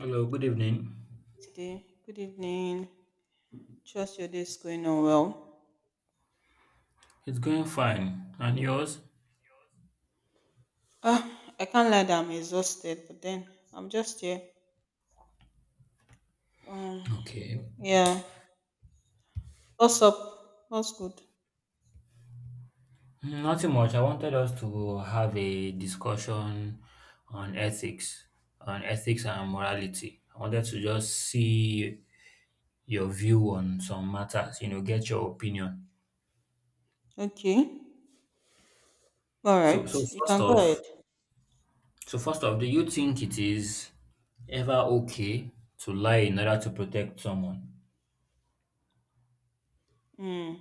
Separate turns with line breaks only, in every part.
Hello, good evening.
Today. Good evening. Trust your day is going on well.
It's going fine. And yours?
Ah, I can't lie that I'm exhausted, but then I'm just here. Um,
Okay.
yeah. What's up? What's good?
Nothing much. I wanted us to have a discussion on ethics, on ethics and morality. I wanted to just see your view on some matters, you know, get your opinion.
Okay. All
So
right. You
first
can go ahead.
off, so first off, do you think it is ever okay to lie in order to protect someone?
Mm.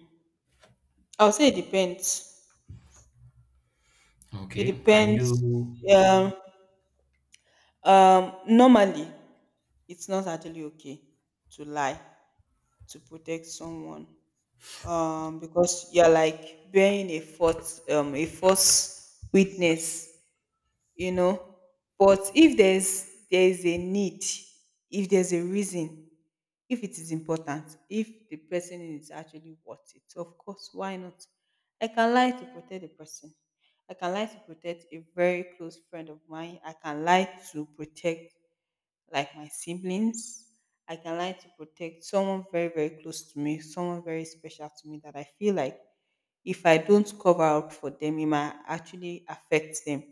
I'll say it depends. It
Okay. Can
depends.
you
Um, normally, it's not actually okay to lie to protect someone. Because you're like bearing a false witness. You know but if there's a need, if there's a reason, if it is important, if the person is actually worth it, of course, why not? I can lie to protect the person, I can lie to protect a very close friend of mine, I can lie to protect like my siblings. I can lie to protect someone very very close to me, someone very special to me, that I feel like if I don't cover up for them, it might actually affect them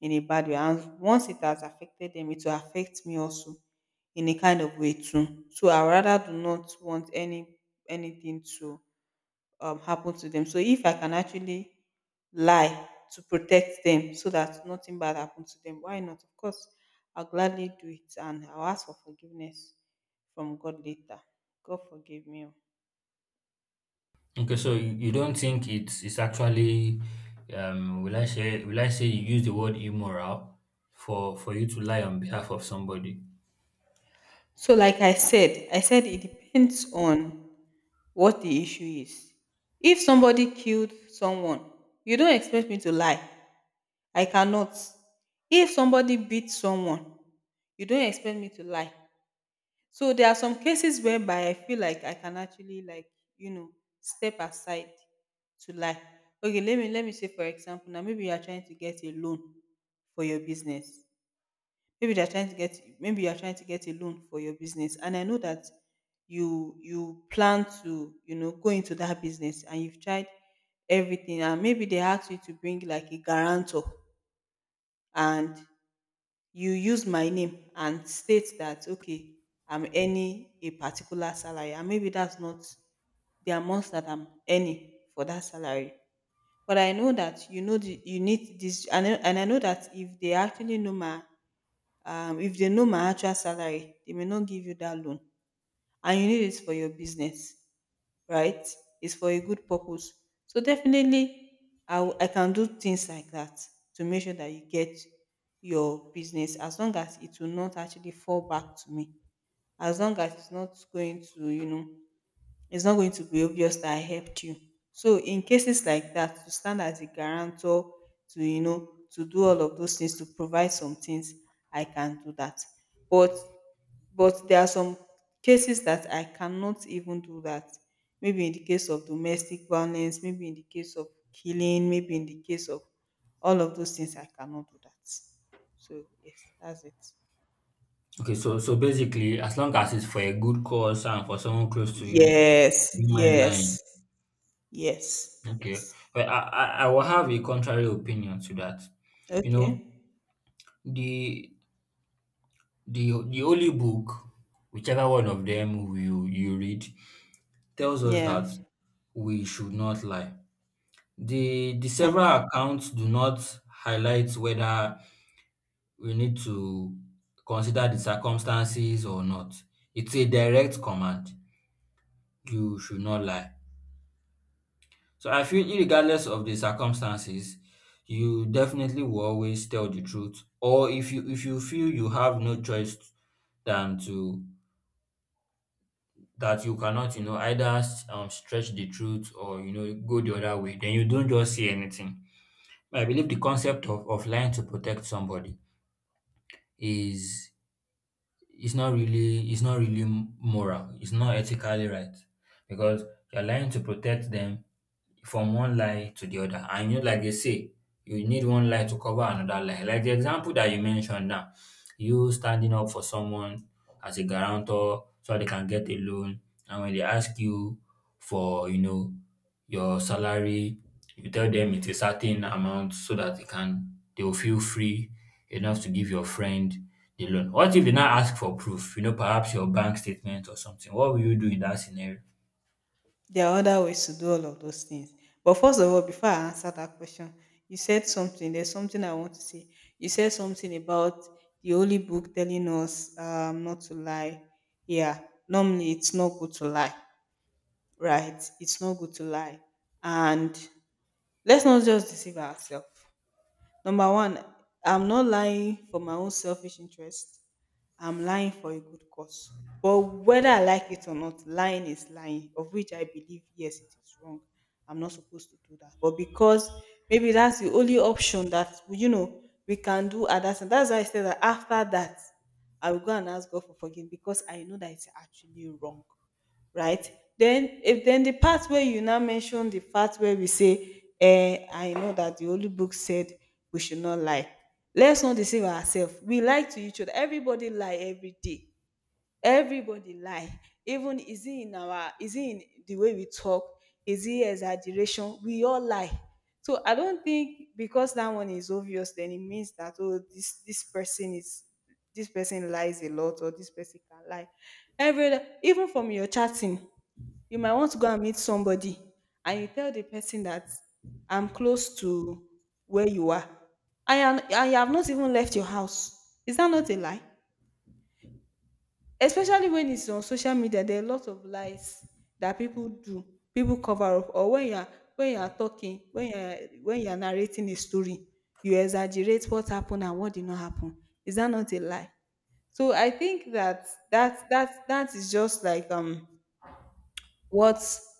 in a bad way. And once it has affected them, it will affect me also in a kind of way too. So I rather do not want anything to happen to them. So if I can actually lie to protect them so that nothing bad happens to them, why not? Of course, I'll gladly do it and I'll ask for forgiveness from God later. God forgive me. Oh.
Okay, so you don't think it's actually will I say you use the word immoral for you to lie on behalf of somebody?
So like I said it depends on what the issue is. If somebody killed someone, you don't expect me to lie. I cannot. If somebody beat someone, you don't expect me to lie. So there are some cases whereby I feel like I can actually, like, you know, step aside to lie. Okay, let me say, for example, now maybe you are trying to get a loan for your business. Maybe you're trying to get a loan for your business, and I know that you plan to, go into that business, and you've tried everything. And maybe they ask you to bring like a guarantor, and you use my name and state that, okay, I'm earning a particular salary, and maybe that's not the amount that I'm earning for that salary. But I know that, you need this. And I know that if they actually know my, if they know my actual salary, they may not give you that loan, and you need it for your business. Right? It's for a good purpose. So definitely, I can do things like that to make sure that you get your business, as long as it will not actually fall back to me, as long as it's not going to be obvious that I helped you. So in cases like that, to stand as a guarantor, to, you know, to do all of those things, to provide some things, I can do that. But there are some cases that I cannot even do that. Maybe in the case of domestic violence, maybe in the case of killing, maybe in the case of all of those things, I cannot do that. So yes, that's it.
Okay, so so basically as long as it's for a good cause and for someone close to you,
Yes,
you mind lying.
yes, yes,
Okay.
yes.
But I will have a contrary opinion to that. You know,
Okay.
the the holy book, whichever one of them you read, tells us
Yeah.
that we should not lie. The several accounts do not highlight whether we need to consider the circumstances or not. It's a direct command, "You should not lie." So I feel
Mm.
regardless of the circumstances, you definitely will always tell the truth or if you feel you have no choice than to that you cannot, you know, either stretch the truth or, you know, go the other way, then you don't just say anything. I believe the concept of lying to protect somebody is it's not really moral. It's not ethically right because you're lying to protect them from one lie to the other. And you know, like they say, you need one lie to cover another lie. Like the example that you mentioned now, you standing up for someone as a guarantor so they can get a loan, and when they ask you for, you know, your salary, you tell them it's a certain amount so that they will feel free enough to give your friend the loan. What if they now ask for proof? You know, perhaps your bank statement or something. What will you do in that scenario?
There are other ways to do all of those things. But first of all, before I answer that question, you said something. There's something I want to say. You said something about the holy book telling us, not to lie. Yeah. Normally, it's not good to lie, right? It's not good to lie. And let's not just deceive ourselves. Number one, I'm not lying for my own selfish interest. I'm lying for a good cause. But whether I like it or not, lying is lying, of which I believe, yes, it is wrong. I'm not supposed to do that. But because maybe that's the only option that we can do at that time. That's why I said that, after that, I will go and ask God for forgiveness, because I know that it's actually wrong, right? Then, if then the part where you now mention, the part where we say, I know that the Holy Book said we should not lie. Let's not deceive ourselves. We lie to each other. Everybody lie every day, everybody lie. Even, is it in the way we talk, is it exaggeration? We all lie. So I don't think because that one is obvious, then it means that, oh, this person is, this person lies a lot, or this person can lie. Every even from your chatting, you might want to go and meet somebody, and you tell the person that I'm close to where you are. I am. I have not even left your house. Is that not a lie? Especially when it's on social media, there are a lot of lies that people do. People cover up. Or when you're talking, when you're narrating a story, you exaggerate what happened and what did not happen. Is that not a lie? So I think that that is just like, what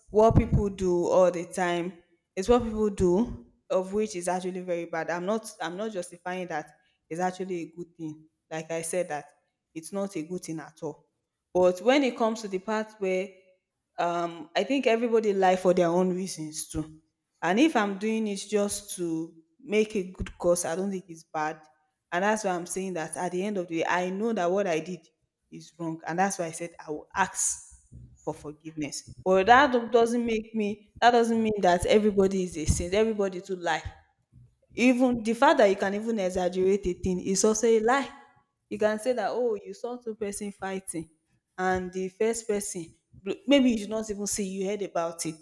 people do all the time, is what people do, of which is actually very bad. I'm not justifying that it's actually a good thing. Like I said, that it's not a good thing at all. But when it comes to the part where, I think everybody lie for their own reasons too. And if I'm doing it just to make a good cause, I don't think it's bad. And that's why I'm saying that, at the end of the day, I know that what I did is wrong. And that's why I said I will ask for forgiveness. But that do- doesn't make me that doesn't mean that everybody is a saint. Everybody to lie. Even the fact that you can even exaggerate a thing is also a lie. You can say that, oh, you saw two-person fighting, and the first person, maybe you did not even see, you heard about it.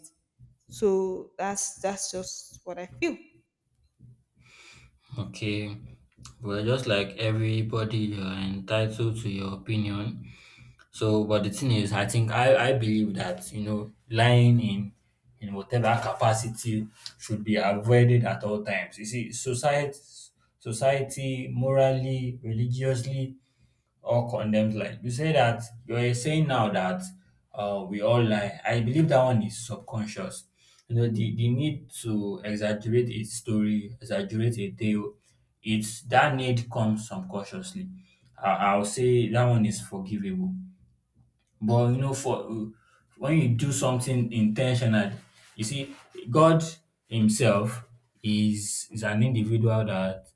So that's just what I feel.
Okay, well, just like everybody, you're entitled to your opinion. So, but the thing is, I think I believe that you know lying in whatever capacity should be avoided at all times. You see, society morally, religiously, or condemned lie. You say that you're saying now that we all lie. I believe that one is subconscious. You know, the need to exaggerate a story, exaggerate a tale, it's that need comes subconsciously. I'll say that one is forgivable. But you know, for when you do something intentional, you see, God Himself is an individual that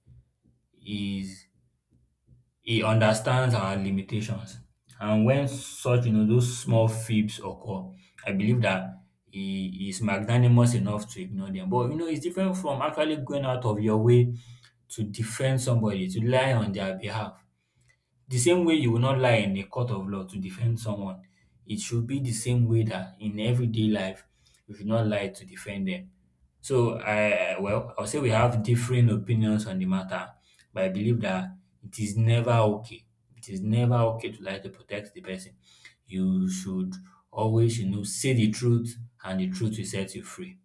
is he understands our limitations. And when such, you know, those small fibs occur, I believe that he is magnanimous enough to ignore them. But you know, it's different from actually going out of your way to defend somebody, to lie on their behalf. The same way you will not lie in a court of law to defend someone, it should be the same way that in everyday life you should not lie to defend them. So I well, I'll say we have differing opinions on the matter, but I believe that it is never okay. It is never okay to lie to protect the person. You should always, you know, say the truth and the truth will set you free.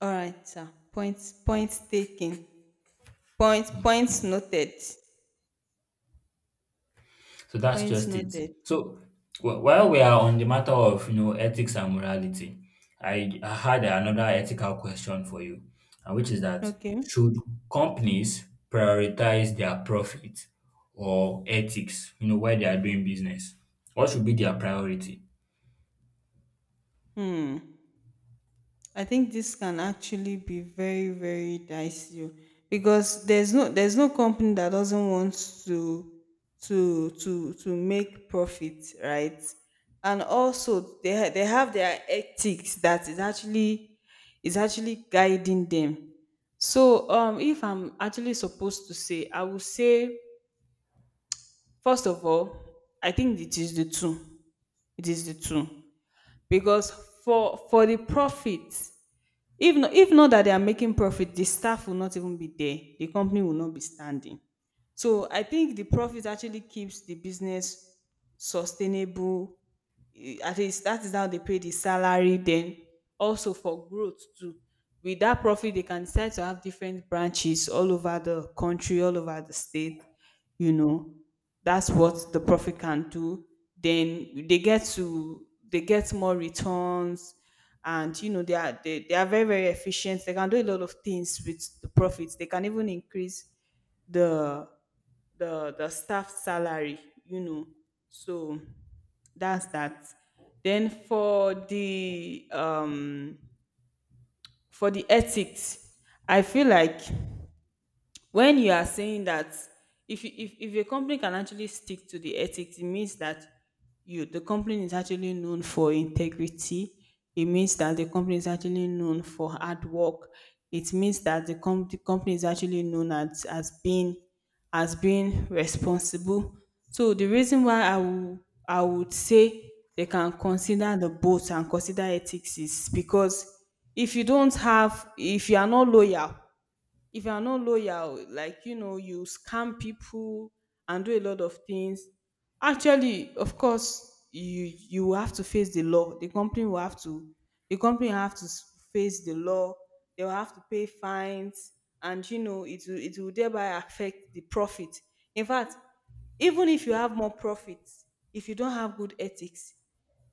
All right, sir. Points taken. Points noted.
So that's
Points
just it.
noted.
So while we are on the matter of you know ethics and morality, I had another ethical question for you, and which is that
Okay.
should companies prioritize their profit or ethics? You know why they are doing business. What should be their priority?
Hmm. I think this can actually be very, very dicey, because there's no company that doesn't want to make profit, right? And also they have their ethics that is actually, guiding them. So, if I'm actually supposed to say, I would say, first of all, I think it is the two. It is the two. Because for the profit. If not, that they are making profit, the staff will not even be there. The company will not be standing. So I think the profit actually keeps the business sustainable. At least that is how they pay the salary. Then also for growth too. With that profit, they can decide to have different branches all over the country, all over the state. You know, that's what the profit can do. Then they get more returns. And, they are, they are very very efficient. They can do a lot of things with the profits. They can even increase the staff salary, you know. So that's that. Then for the, for the ethics, I feel like when you are saying that, if you, if a company can actually stick to the ethics, it means that you the company is actually known for integrity. It means that the company is actually known for hard work. It means that the company is actually known as being, responsible. So the reason why I would say they can consider the both and consider ethics is because, if you are not loyal, like, you scam people and do a lot of things. Actually, of course, you will have to face the law. The company will have to, the company will have to s- face the law. They will have to pay fines, and, it will thereby affect the profit. In fact, even if you have more profit, if you don't have good ethics,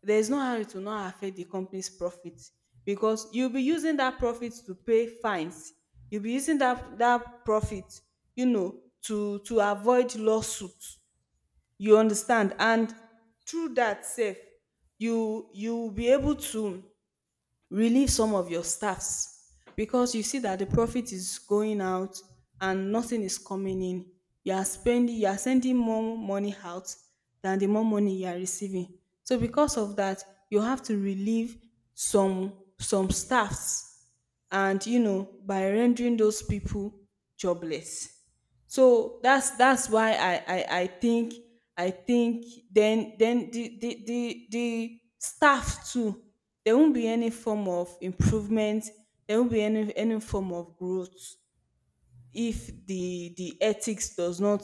there's no how it will not affect the company's profit, because you'll be using that profit to pay fines. You'll be using that profit, to avoid lawsuits. You understand? And through that safe, you will be able to relieve some of your staffs, because you see that the profit is going out and nothing is coming in. You are spending, you are sending more money out than the more money you are receiving. So because of that, you have to relieve some staffs and you know by rendering those people jobless. So that's why I think, I think then the staff too, there won't be any form of improvement, there won't be any form of growth if the ethics does not,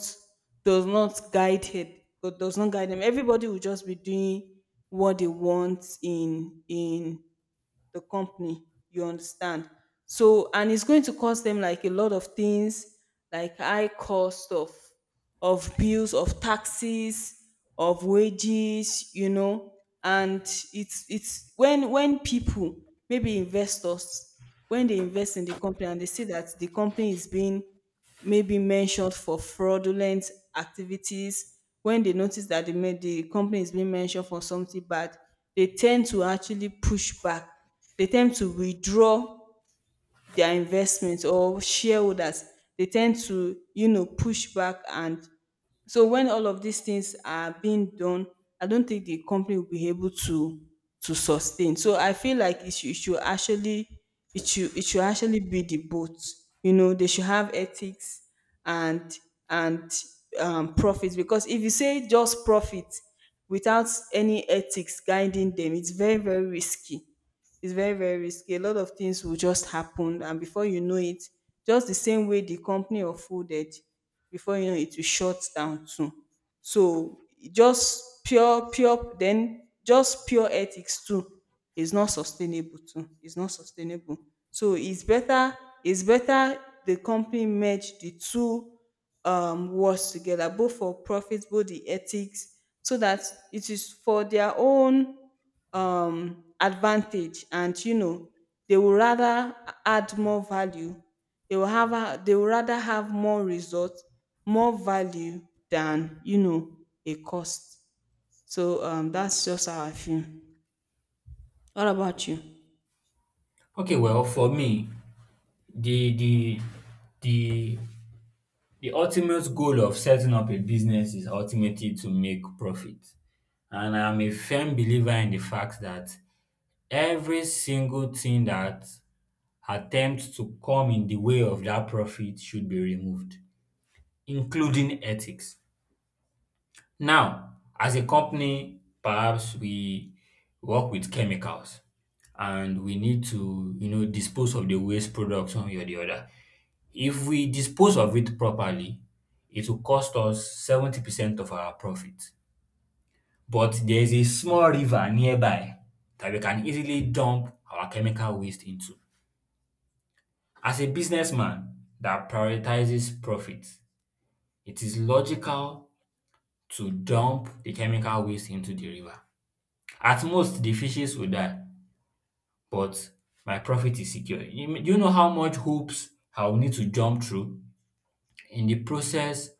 does not guide it but does not guide them, everybody will just be doing what they want in the company. You understand? So, and it's going to cost them like a lot of things, like high cost of bills, of taxes, of wages, you know. And it's when people, maybe investors, when they invest in the company and they see that the company is being may be mentioned for fraudulent activities. When they notice that the company is being mentioned for something bad, they tend to actually push back. They tend to withdraw their investments, or shareholders, they tend to push back. And so when all of these things are being done, I don't think the company will be able to sustain. So I feel like it should actually, it should actually be the both. You know, they should have ethics and and profits, because if you say just profit without any ethics guiding them, it's very risky. It's very, very risky. A lot of things will just happen, and before you know it, just the same way the company or folded, before you know it, will shut down too. So just pure, pure, then just pure ethics too is not sustainable too. It's not sustainable. So it's better, it's better, the company merge the two words together, both for profit, both the ethics, so that it is for their own advantage. And you know, they will rather add more value. They will they will rather have more results, more value than a cost. So that's just how I feel. What about you?
Okay, well for me, the the the the ultimate goal of setting up a business is ultimately to make profit. And I'm a firm believer in the fact that every single thing that attempts to come in the way of that profit should be removed, including ethics. Now, as a company, perhaps we work with chemicals and we need to, you know, dispose of the waste products one way or the other. If we dispose of it properly, it will cost us 70% of our profit. But there is a small river nearby that we can easily dump our chemical waste into. As a businessman that prioritizes profit, it is logical to dump the chemical waste into the river. At most, the fishes will die, but my profit is secure. You know how much hoops I will need to jump through in the process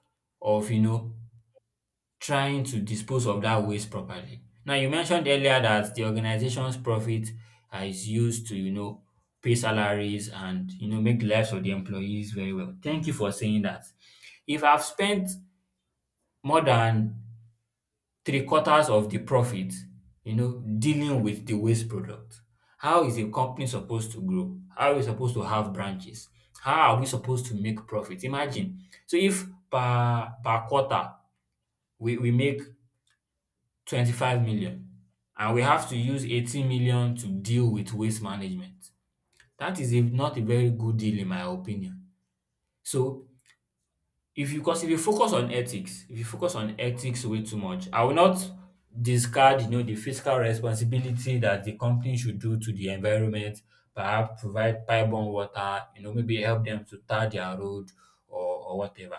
of, you know, trying to dispose of that waste properly. Now, you mentioned earlier that the organization's profit is used to, you know, pay salaries and, you know, make the lives of the employees very well. Thank you for saying that. If I've spent more than three-quarters of the profit, you know, dealing with the waste product, how is a company supposed to grow? How are we supposed to have branches? How are we supposed to make profit? Imagine. So if per quarter we make 25 million and we have to use 18 million to deal with waste management. That is a, not a very good deal in my opinion. So if you because if you focus on ethics, if you focus on ethics way too much, I will not discard you know the fiscal responsibility that the company should do to the environment, perhaps provide pipe-borne water, you know, maybe help them to tar their road or whatever.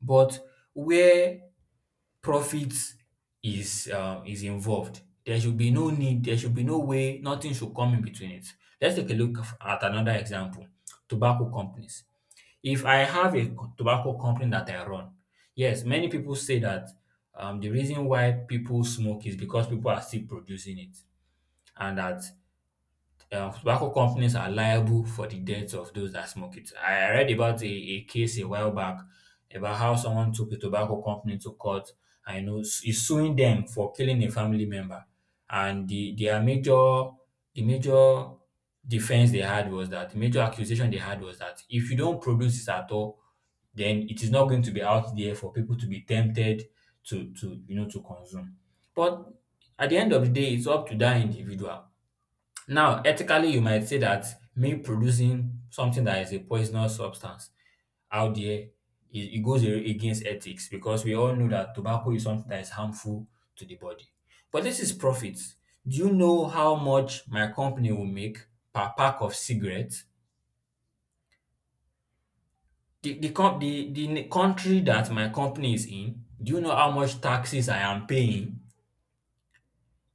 But where profit is involved. There should be no need, there should be no way, nothing should come in between it. Let's take a look at another example, tobacco companies. If I have a tobacco company that I run, yes, many people say that the reason why people smoke is because people are still producing it and that tobacco companies are liable for the deaths of those that smoke it. I read about a case a while back about how someone took a tobacco company to court. I know is suing them for killing a family member. And the their major the major defense they had was that the major accusation they had was that if you don't produce it at all, then it is not going to be out there for people to be tempted to you know to consume. But at the end of the day, it's up to that individual now, ethically, you might say that me producing something that is a poisonous substance out there, it goes against ethics because we all know that tobacco is something that is harmful to the body. But this is profit. Do you know how much my company will make per pack of cigarettes? The country that my company is in, do you know how much taxes I am paying?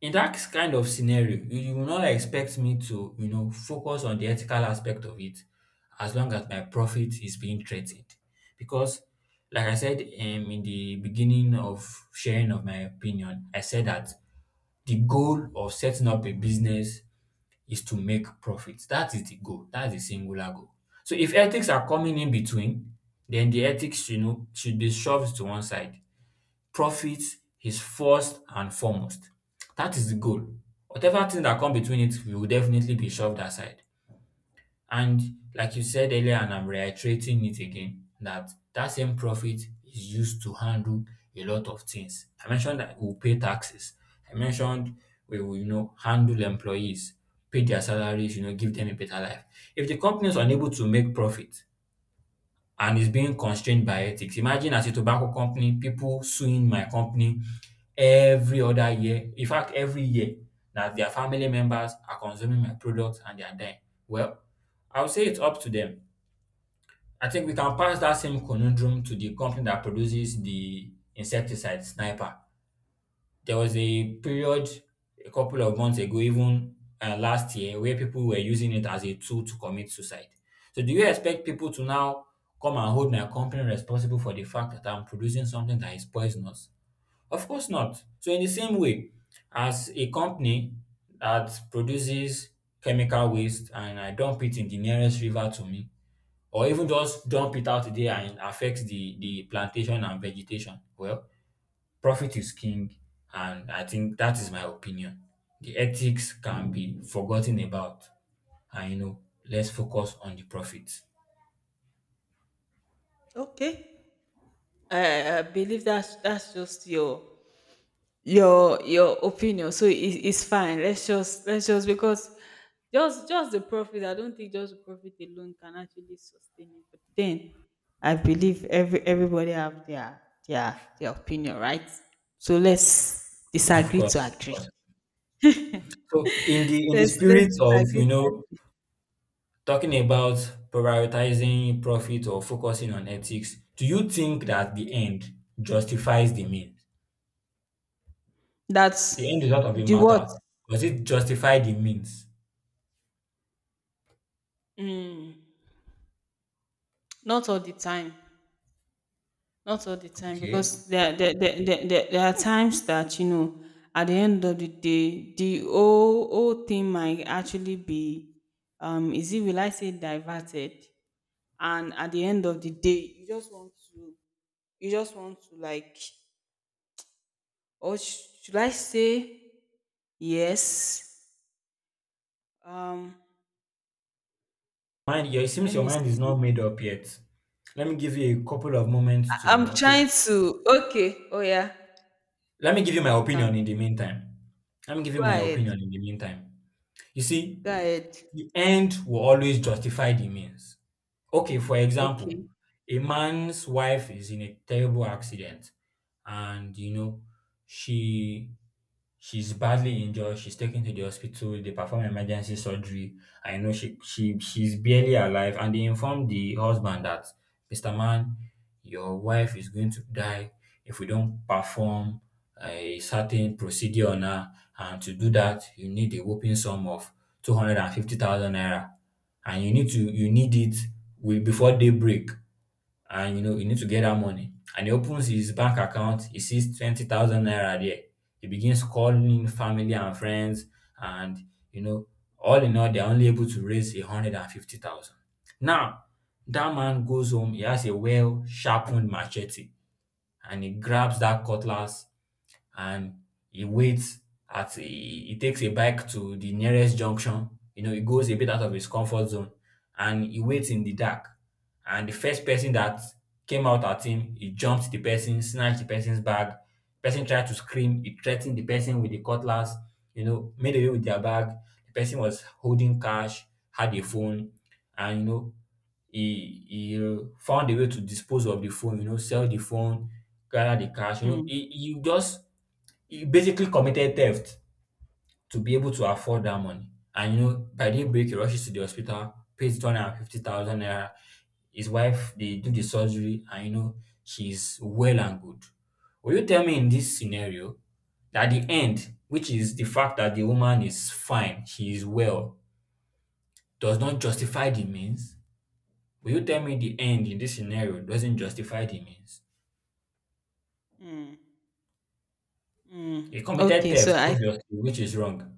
In that kind of scenario you will not expect me to you know focus on the ethical aspect of it as long as my profit is being threatened because like I said in the beginning of sharing of my opinion I said that the goal of setting up a business is to make profits. That is the goal. That's the singular goal. So if ethics are coming in between then the ethics you know should be shoved to one side. Profit is first and foremost. That is the goal. Whatever thing that come between it will definitely be shoved aside. And like you said earlier, and I'm reiterating it again, that that same profit is used to handle a lot of things. I mentioned that we'll pay taxes. I mentioned we will, you know, handle employees, pay their salaries, you know, give them a better life. If the company is unable to make profit, and it's being constrained by ethics. Imagine as a tobacco company, people suing my company every other year. In fact, every year that their family members are consuming my products and they are dying. Well, I would say it's up to them. I think we can pass that same conundrum to the company that produces the insecticide, Sniper. There was a period a couple of months ago, even last year, where people were using it as a tool to commit suicide. So, do you expect people to now come and hold my company responsible for the fact that I'm producing something that is poisonous? Of course not. So, in the same way, as a company that produces chemical waste and I dump it in the nearest river to me, or even just dump it out there and affects the plantation and vegetation, well, profit is king, and I think that is my opinion. The ethics can be forgotten about, and you know, let's focus on the profit.
Okay, I believe that's just your your opinion, so it's fine. Let's just let's just because just the profit, I don't think just the profit alone can actually sustain it. But then I believe everybody have their opinion, right? So let's
Of
disagree
course,
to
of
agree.
course. So in the
Let's
spirit of
disagree to agree.
talking about prioritizing profit or focusing on ethics, do you think that the
Okay.
end justifies the means? The end
That's
result of a
the what?
matter. Does it justify the means?
Not all the time. Not all the time,
Okay.
because there are times that, you know, at the end of the day, the whole thing might actually be, will I say, diverted? And at the end of the day, you just want to, you just want to, like, should I say, yes, um,
Mind, yeah, it seems
let
your
me
mind is not
see.
made up yet. Let me give you a couple of moments
I-
to
i'm trying to. Okay, oh yeah.
Let me give you my
You can.
opinion in the meantime. Let me give you
Go
my
ahead.
opinion in the meantime. You see,
Go ahead.
the end will always justify the means. Okay, for example,
Okay.
a man's wife is in a terrible accident, and you know she she's badly injured, she's taken to the hospital, they perform emergency surgery. I know she's barely alive, and they inform the husband that, Mr. Man, your wife is going to die if we don't perform a certain procedure on her, and to do that you need a whopping sum of 250,000 naira, and you need it before daybreak, and you know you need to get that money. And he opens his bank account, he sees 20,000 naira there. He begins calling in family and friends, and you know, all in all, they're only able to raise 150 thousand. Now, that man goes home, he has a well sharpened machete, and he grabs that cutlass and he waits he takes a bike to the nearest junction. You know, he goes a bit out of his comfort zone and he waits in the dark. And the first person that came out at him, he jumped the person, snatched the person's bag. Person tried to scream. He threatened the person with the cutlass. You know, made away with their bag. The person was holding cash, had a phone, and he found a way to dispose of the phone. You know, sell the phone, gather the cash. You know,
Hmm.
he just he basically committed theft to be able to afford that money. And you know, by daybreak, he rushes to the hospital, pays 250,000 naira. His wife, they do the surgery, and she's well and good. Will you tell me in this scenario that the end, which is the fact that the woman is fine, she is well, does not justify the means? Will you tell me the end in this scenario doesn't justify the means?
Hmm. Mm,
He committed
okay, so
theft,
I,
obviously, which is wrong.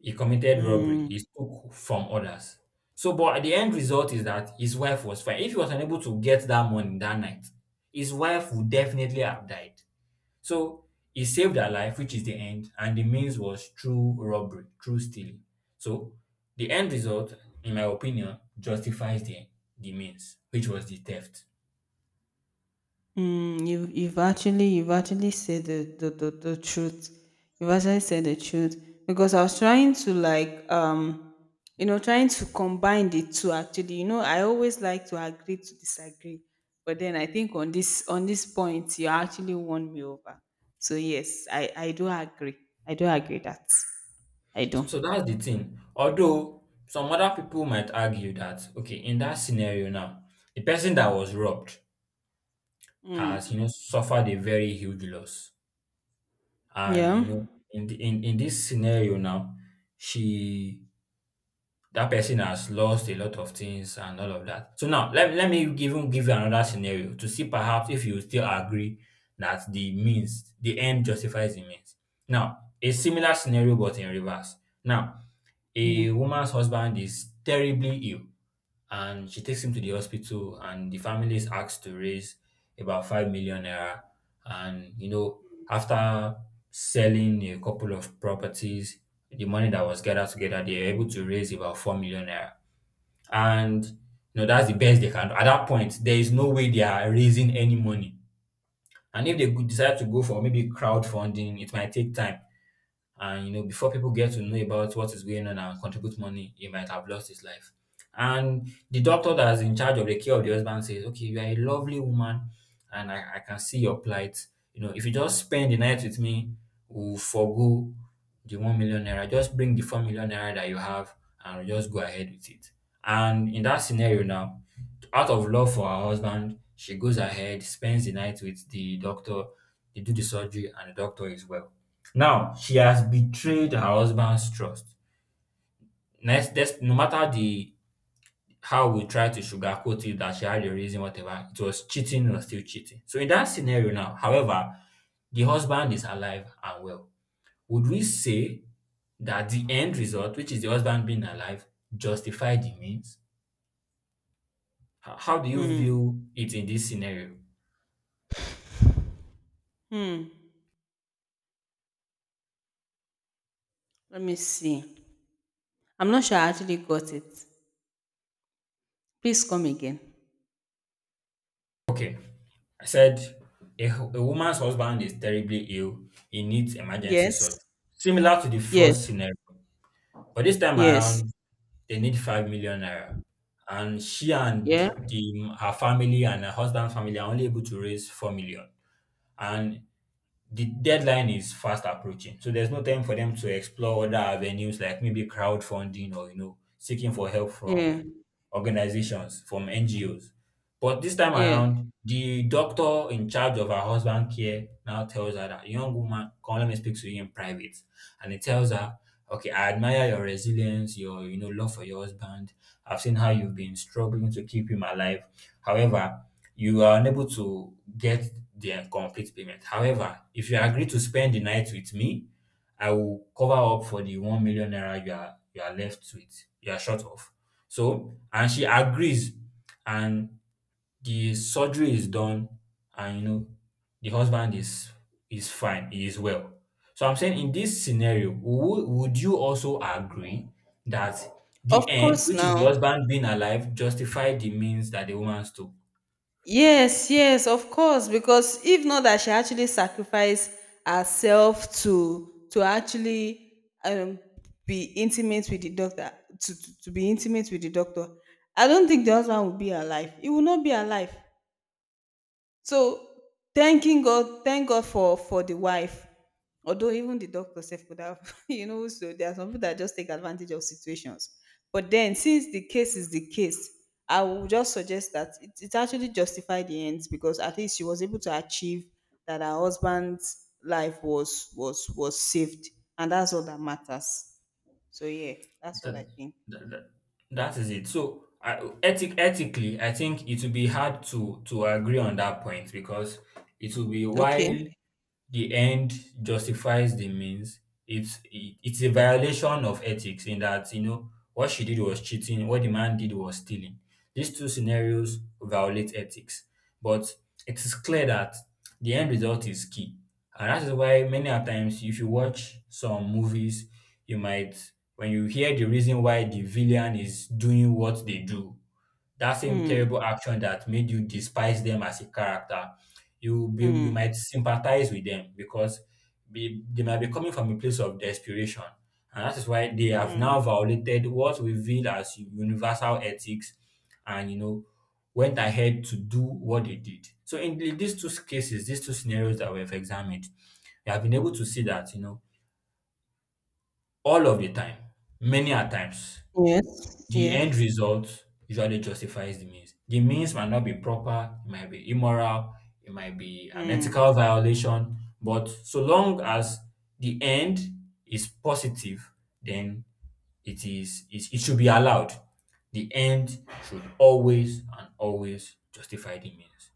He committed robbery.
mm,
He took from others. So, but the end result is that his wife was fine. If he was unable to get that money that night, his wife would definitely have died. So he saved her life, which is the end, and the means was through robbery, through stealing. So the end result, in my opinion, justifies the means, which was the theft.
mm, you you've actually, you've actually said the the truth. You've actually said the truth, because I was trying to like, um, you know, trying to combine the two actually. You know, I always like to agree to disagree, but then I think on this point you actually won me over. So yes, I do agree. I do agree that I
So,
do.
so that's the thing. Although some other people might argue that, okay, in that scenario now, the person that was robbed has
Mm,
suffered a very huge loss, and
yeah.
in this scenario now, she that person has lost a lot of things and all of that. So now, let me even give you another scenario to see perhaps if you still agree that the end justifies the means. Now, a similar scenario but in reverse. Now, a
Mm,
woman's husband is terribly ill, and she takes him to the hospital, and the family is asked to raise about 5 million naira. And you know, after selling a couple of properties, the money that was gathered together, they are able to raise about 4 million naira. And you know that's the best they can do at that point. There is no way they are raising any money. And if they decide to go for maybe crowdfunding, it might take time, and you know, before people get to know about what is going on and contribute money, he might have lost his life. And the doctor that's in charge of the care of the husband says, okay, you are a lovely woman, and I can see your plight. You know, if you just spend the night with me, we'll forgo the 1 million naira, just bring the 4 million naira that you have, and we'll just go ahead with it. And in that scenario now, out of love for her husband, she goes ahead, spends the night with the doctor. They do the surgery and the doctor is well. Now she has betrayed her husband's trust. Nes des No matter the how we try to sugarcoat it, that she had a reason, whatever, it was cheating or still cheating. So in that scenario now, however, the husband is alive and well. Would we say that the end result, which is the husband being alive, justify the means? How do you
mm,
view it in this scenario?
mm. Let me see. I'm not sure I actually got it. Please come again.
Okay, I said a woman's husband is terribly ill, he needs emergency surgery.
Yes,
Similar to the
yes,
first scenario, but this time
yes.
around, they need 5 million naira. And she and
Yeah,
the her family and her husband's family are only able to raise 4 million. And the deadline is fast approaching. So there's no time for them to explore other avenues like maybe crowdfunding or, you know, seeking for help from
yeah,
organizations, from NGOs. But this time
yeah.
around, the doctor in charge of her husband care now tells her that, young woman, come let me speak to you in private. And he tells her, okay, I admire your resilience, your you know love for your husband. I've seen how you've been struggling to keep him alive. However, you are unable to get the complete payment. However, if you agree to spend the night with me, I will cover up for the 1 million naira you are left with, you are short of. So, and she agrees, and the surgery is done, and you know, the husband is fine, he is well. So I'm saying, in this scenario, would you also agree that
Of
the end,
course
which is the
now.
husband being alive, justified the means that the woman took?
Yes, yes, of course. Because if not that she actually sacrificed herself to actually, um, be intimate with the doctor, to be intimate with the doctor, I don't think the husband would be alive. He will not be alive. So thanking God, thank God for the wife. Although even the doctor self could have, you know, so there are some people that just take advantage of situations. But then, since the case is the case, I will just suggest that it actually justified the ends, because at least she was able to achieve that her husband's life was saved, and that's all that matters. So yeah, that's what
that,
I think.
that, that that is it. So ethically, I think it will be hard to agree on that point because it will be
Okay.
while the end justifies the means. It's a violation of ethics in that, you know, what she did was cheating, what the man did was stealing. These two scenarios violate ethics, but it is clear that the end result is key, and that is why many a times, if you watch some movies, you might when you hear the reason why the villain is doing what they do, that same terrible
Mm,
action that made you despise them as a character, you
mm,
might sympathize with them because they might be coming from a place of desperation, and that is why they have now
mm.
violated what we feel as universal ethics, and you know went ahead to do what they did. So in these two cases, these two scenarios that we have examined, we have been able to see that, you know, all of the time, many a times
Yes.
the
Yes.
end result usually justifies the means. The means might not be proper, it might be immoral, it might be an ethical
Mm.
violation, but so long as the end is positive, then it should be allowed. The end should always and always justify the means.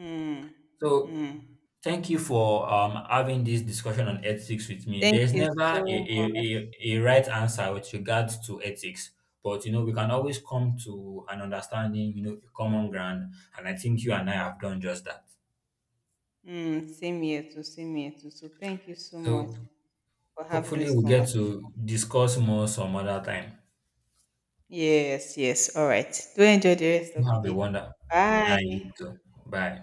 Mm,
So
mm.
thank you for having this discussion on ethics with me.
Thank
There's
you
never
so much.
a right answer with regards to ethics, but you know, we can always come to an understanding, you know, a common ground. And I think you and I have done just that.
Mm, same here too, same here too. So thank you so much
So
for having
hopefully
this
we'll get
conversation.
to discuss more some other time.
Yes, yes. All right. Do enjoy the rest of the
Have a
day.
wonder. And you
Bye.
too. Bye.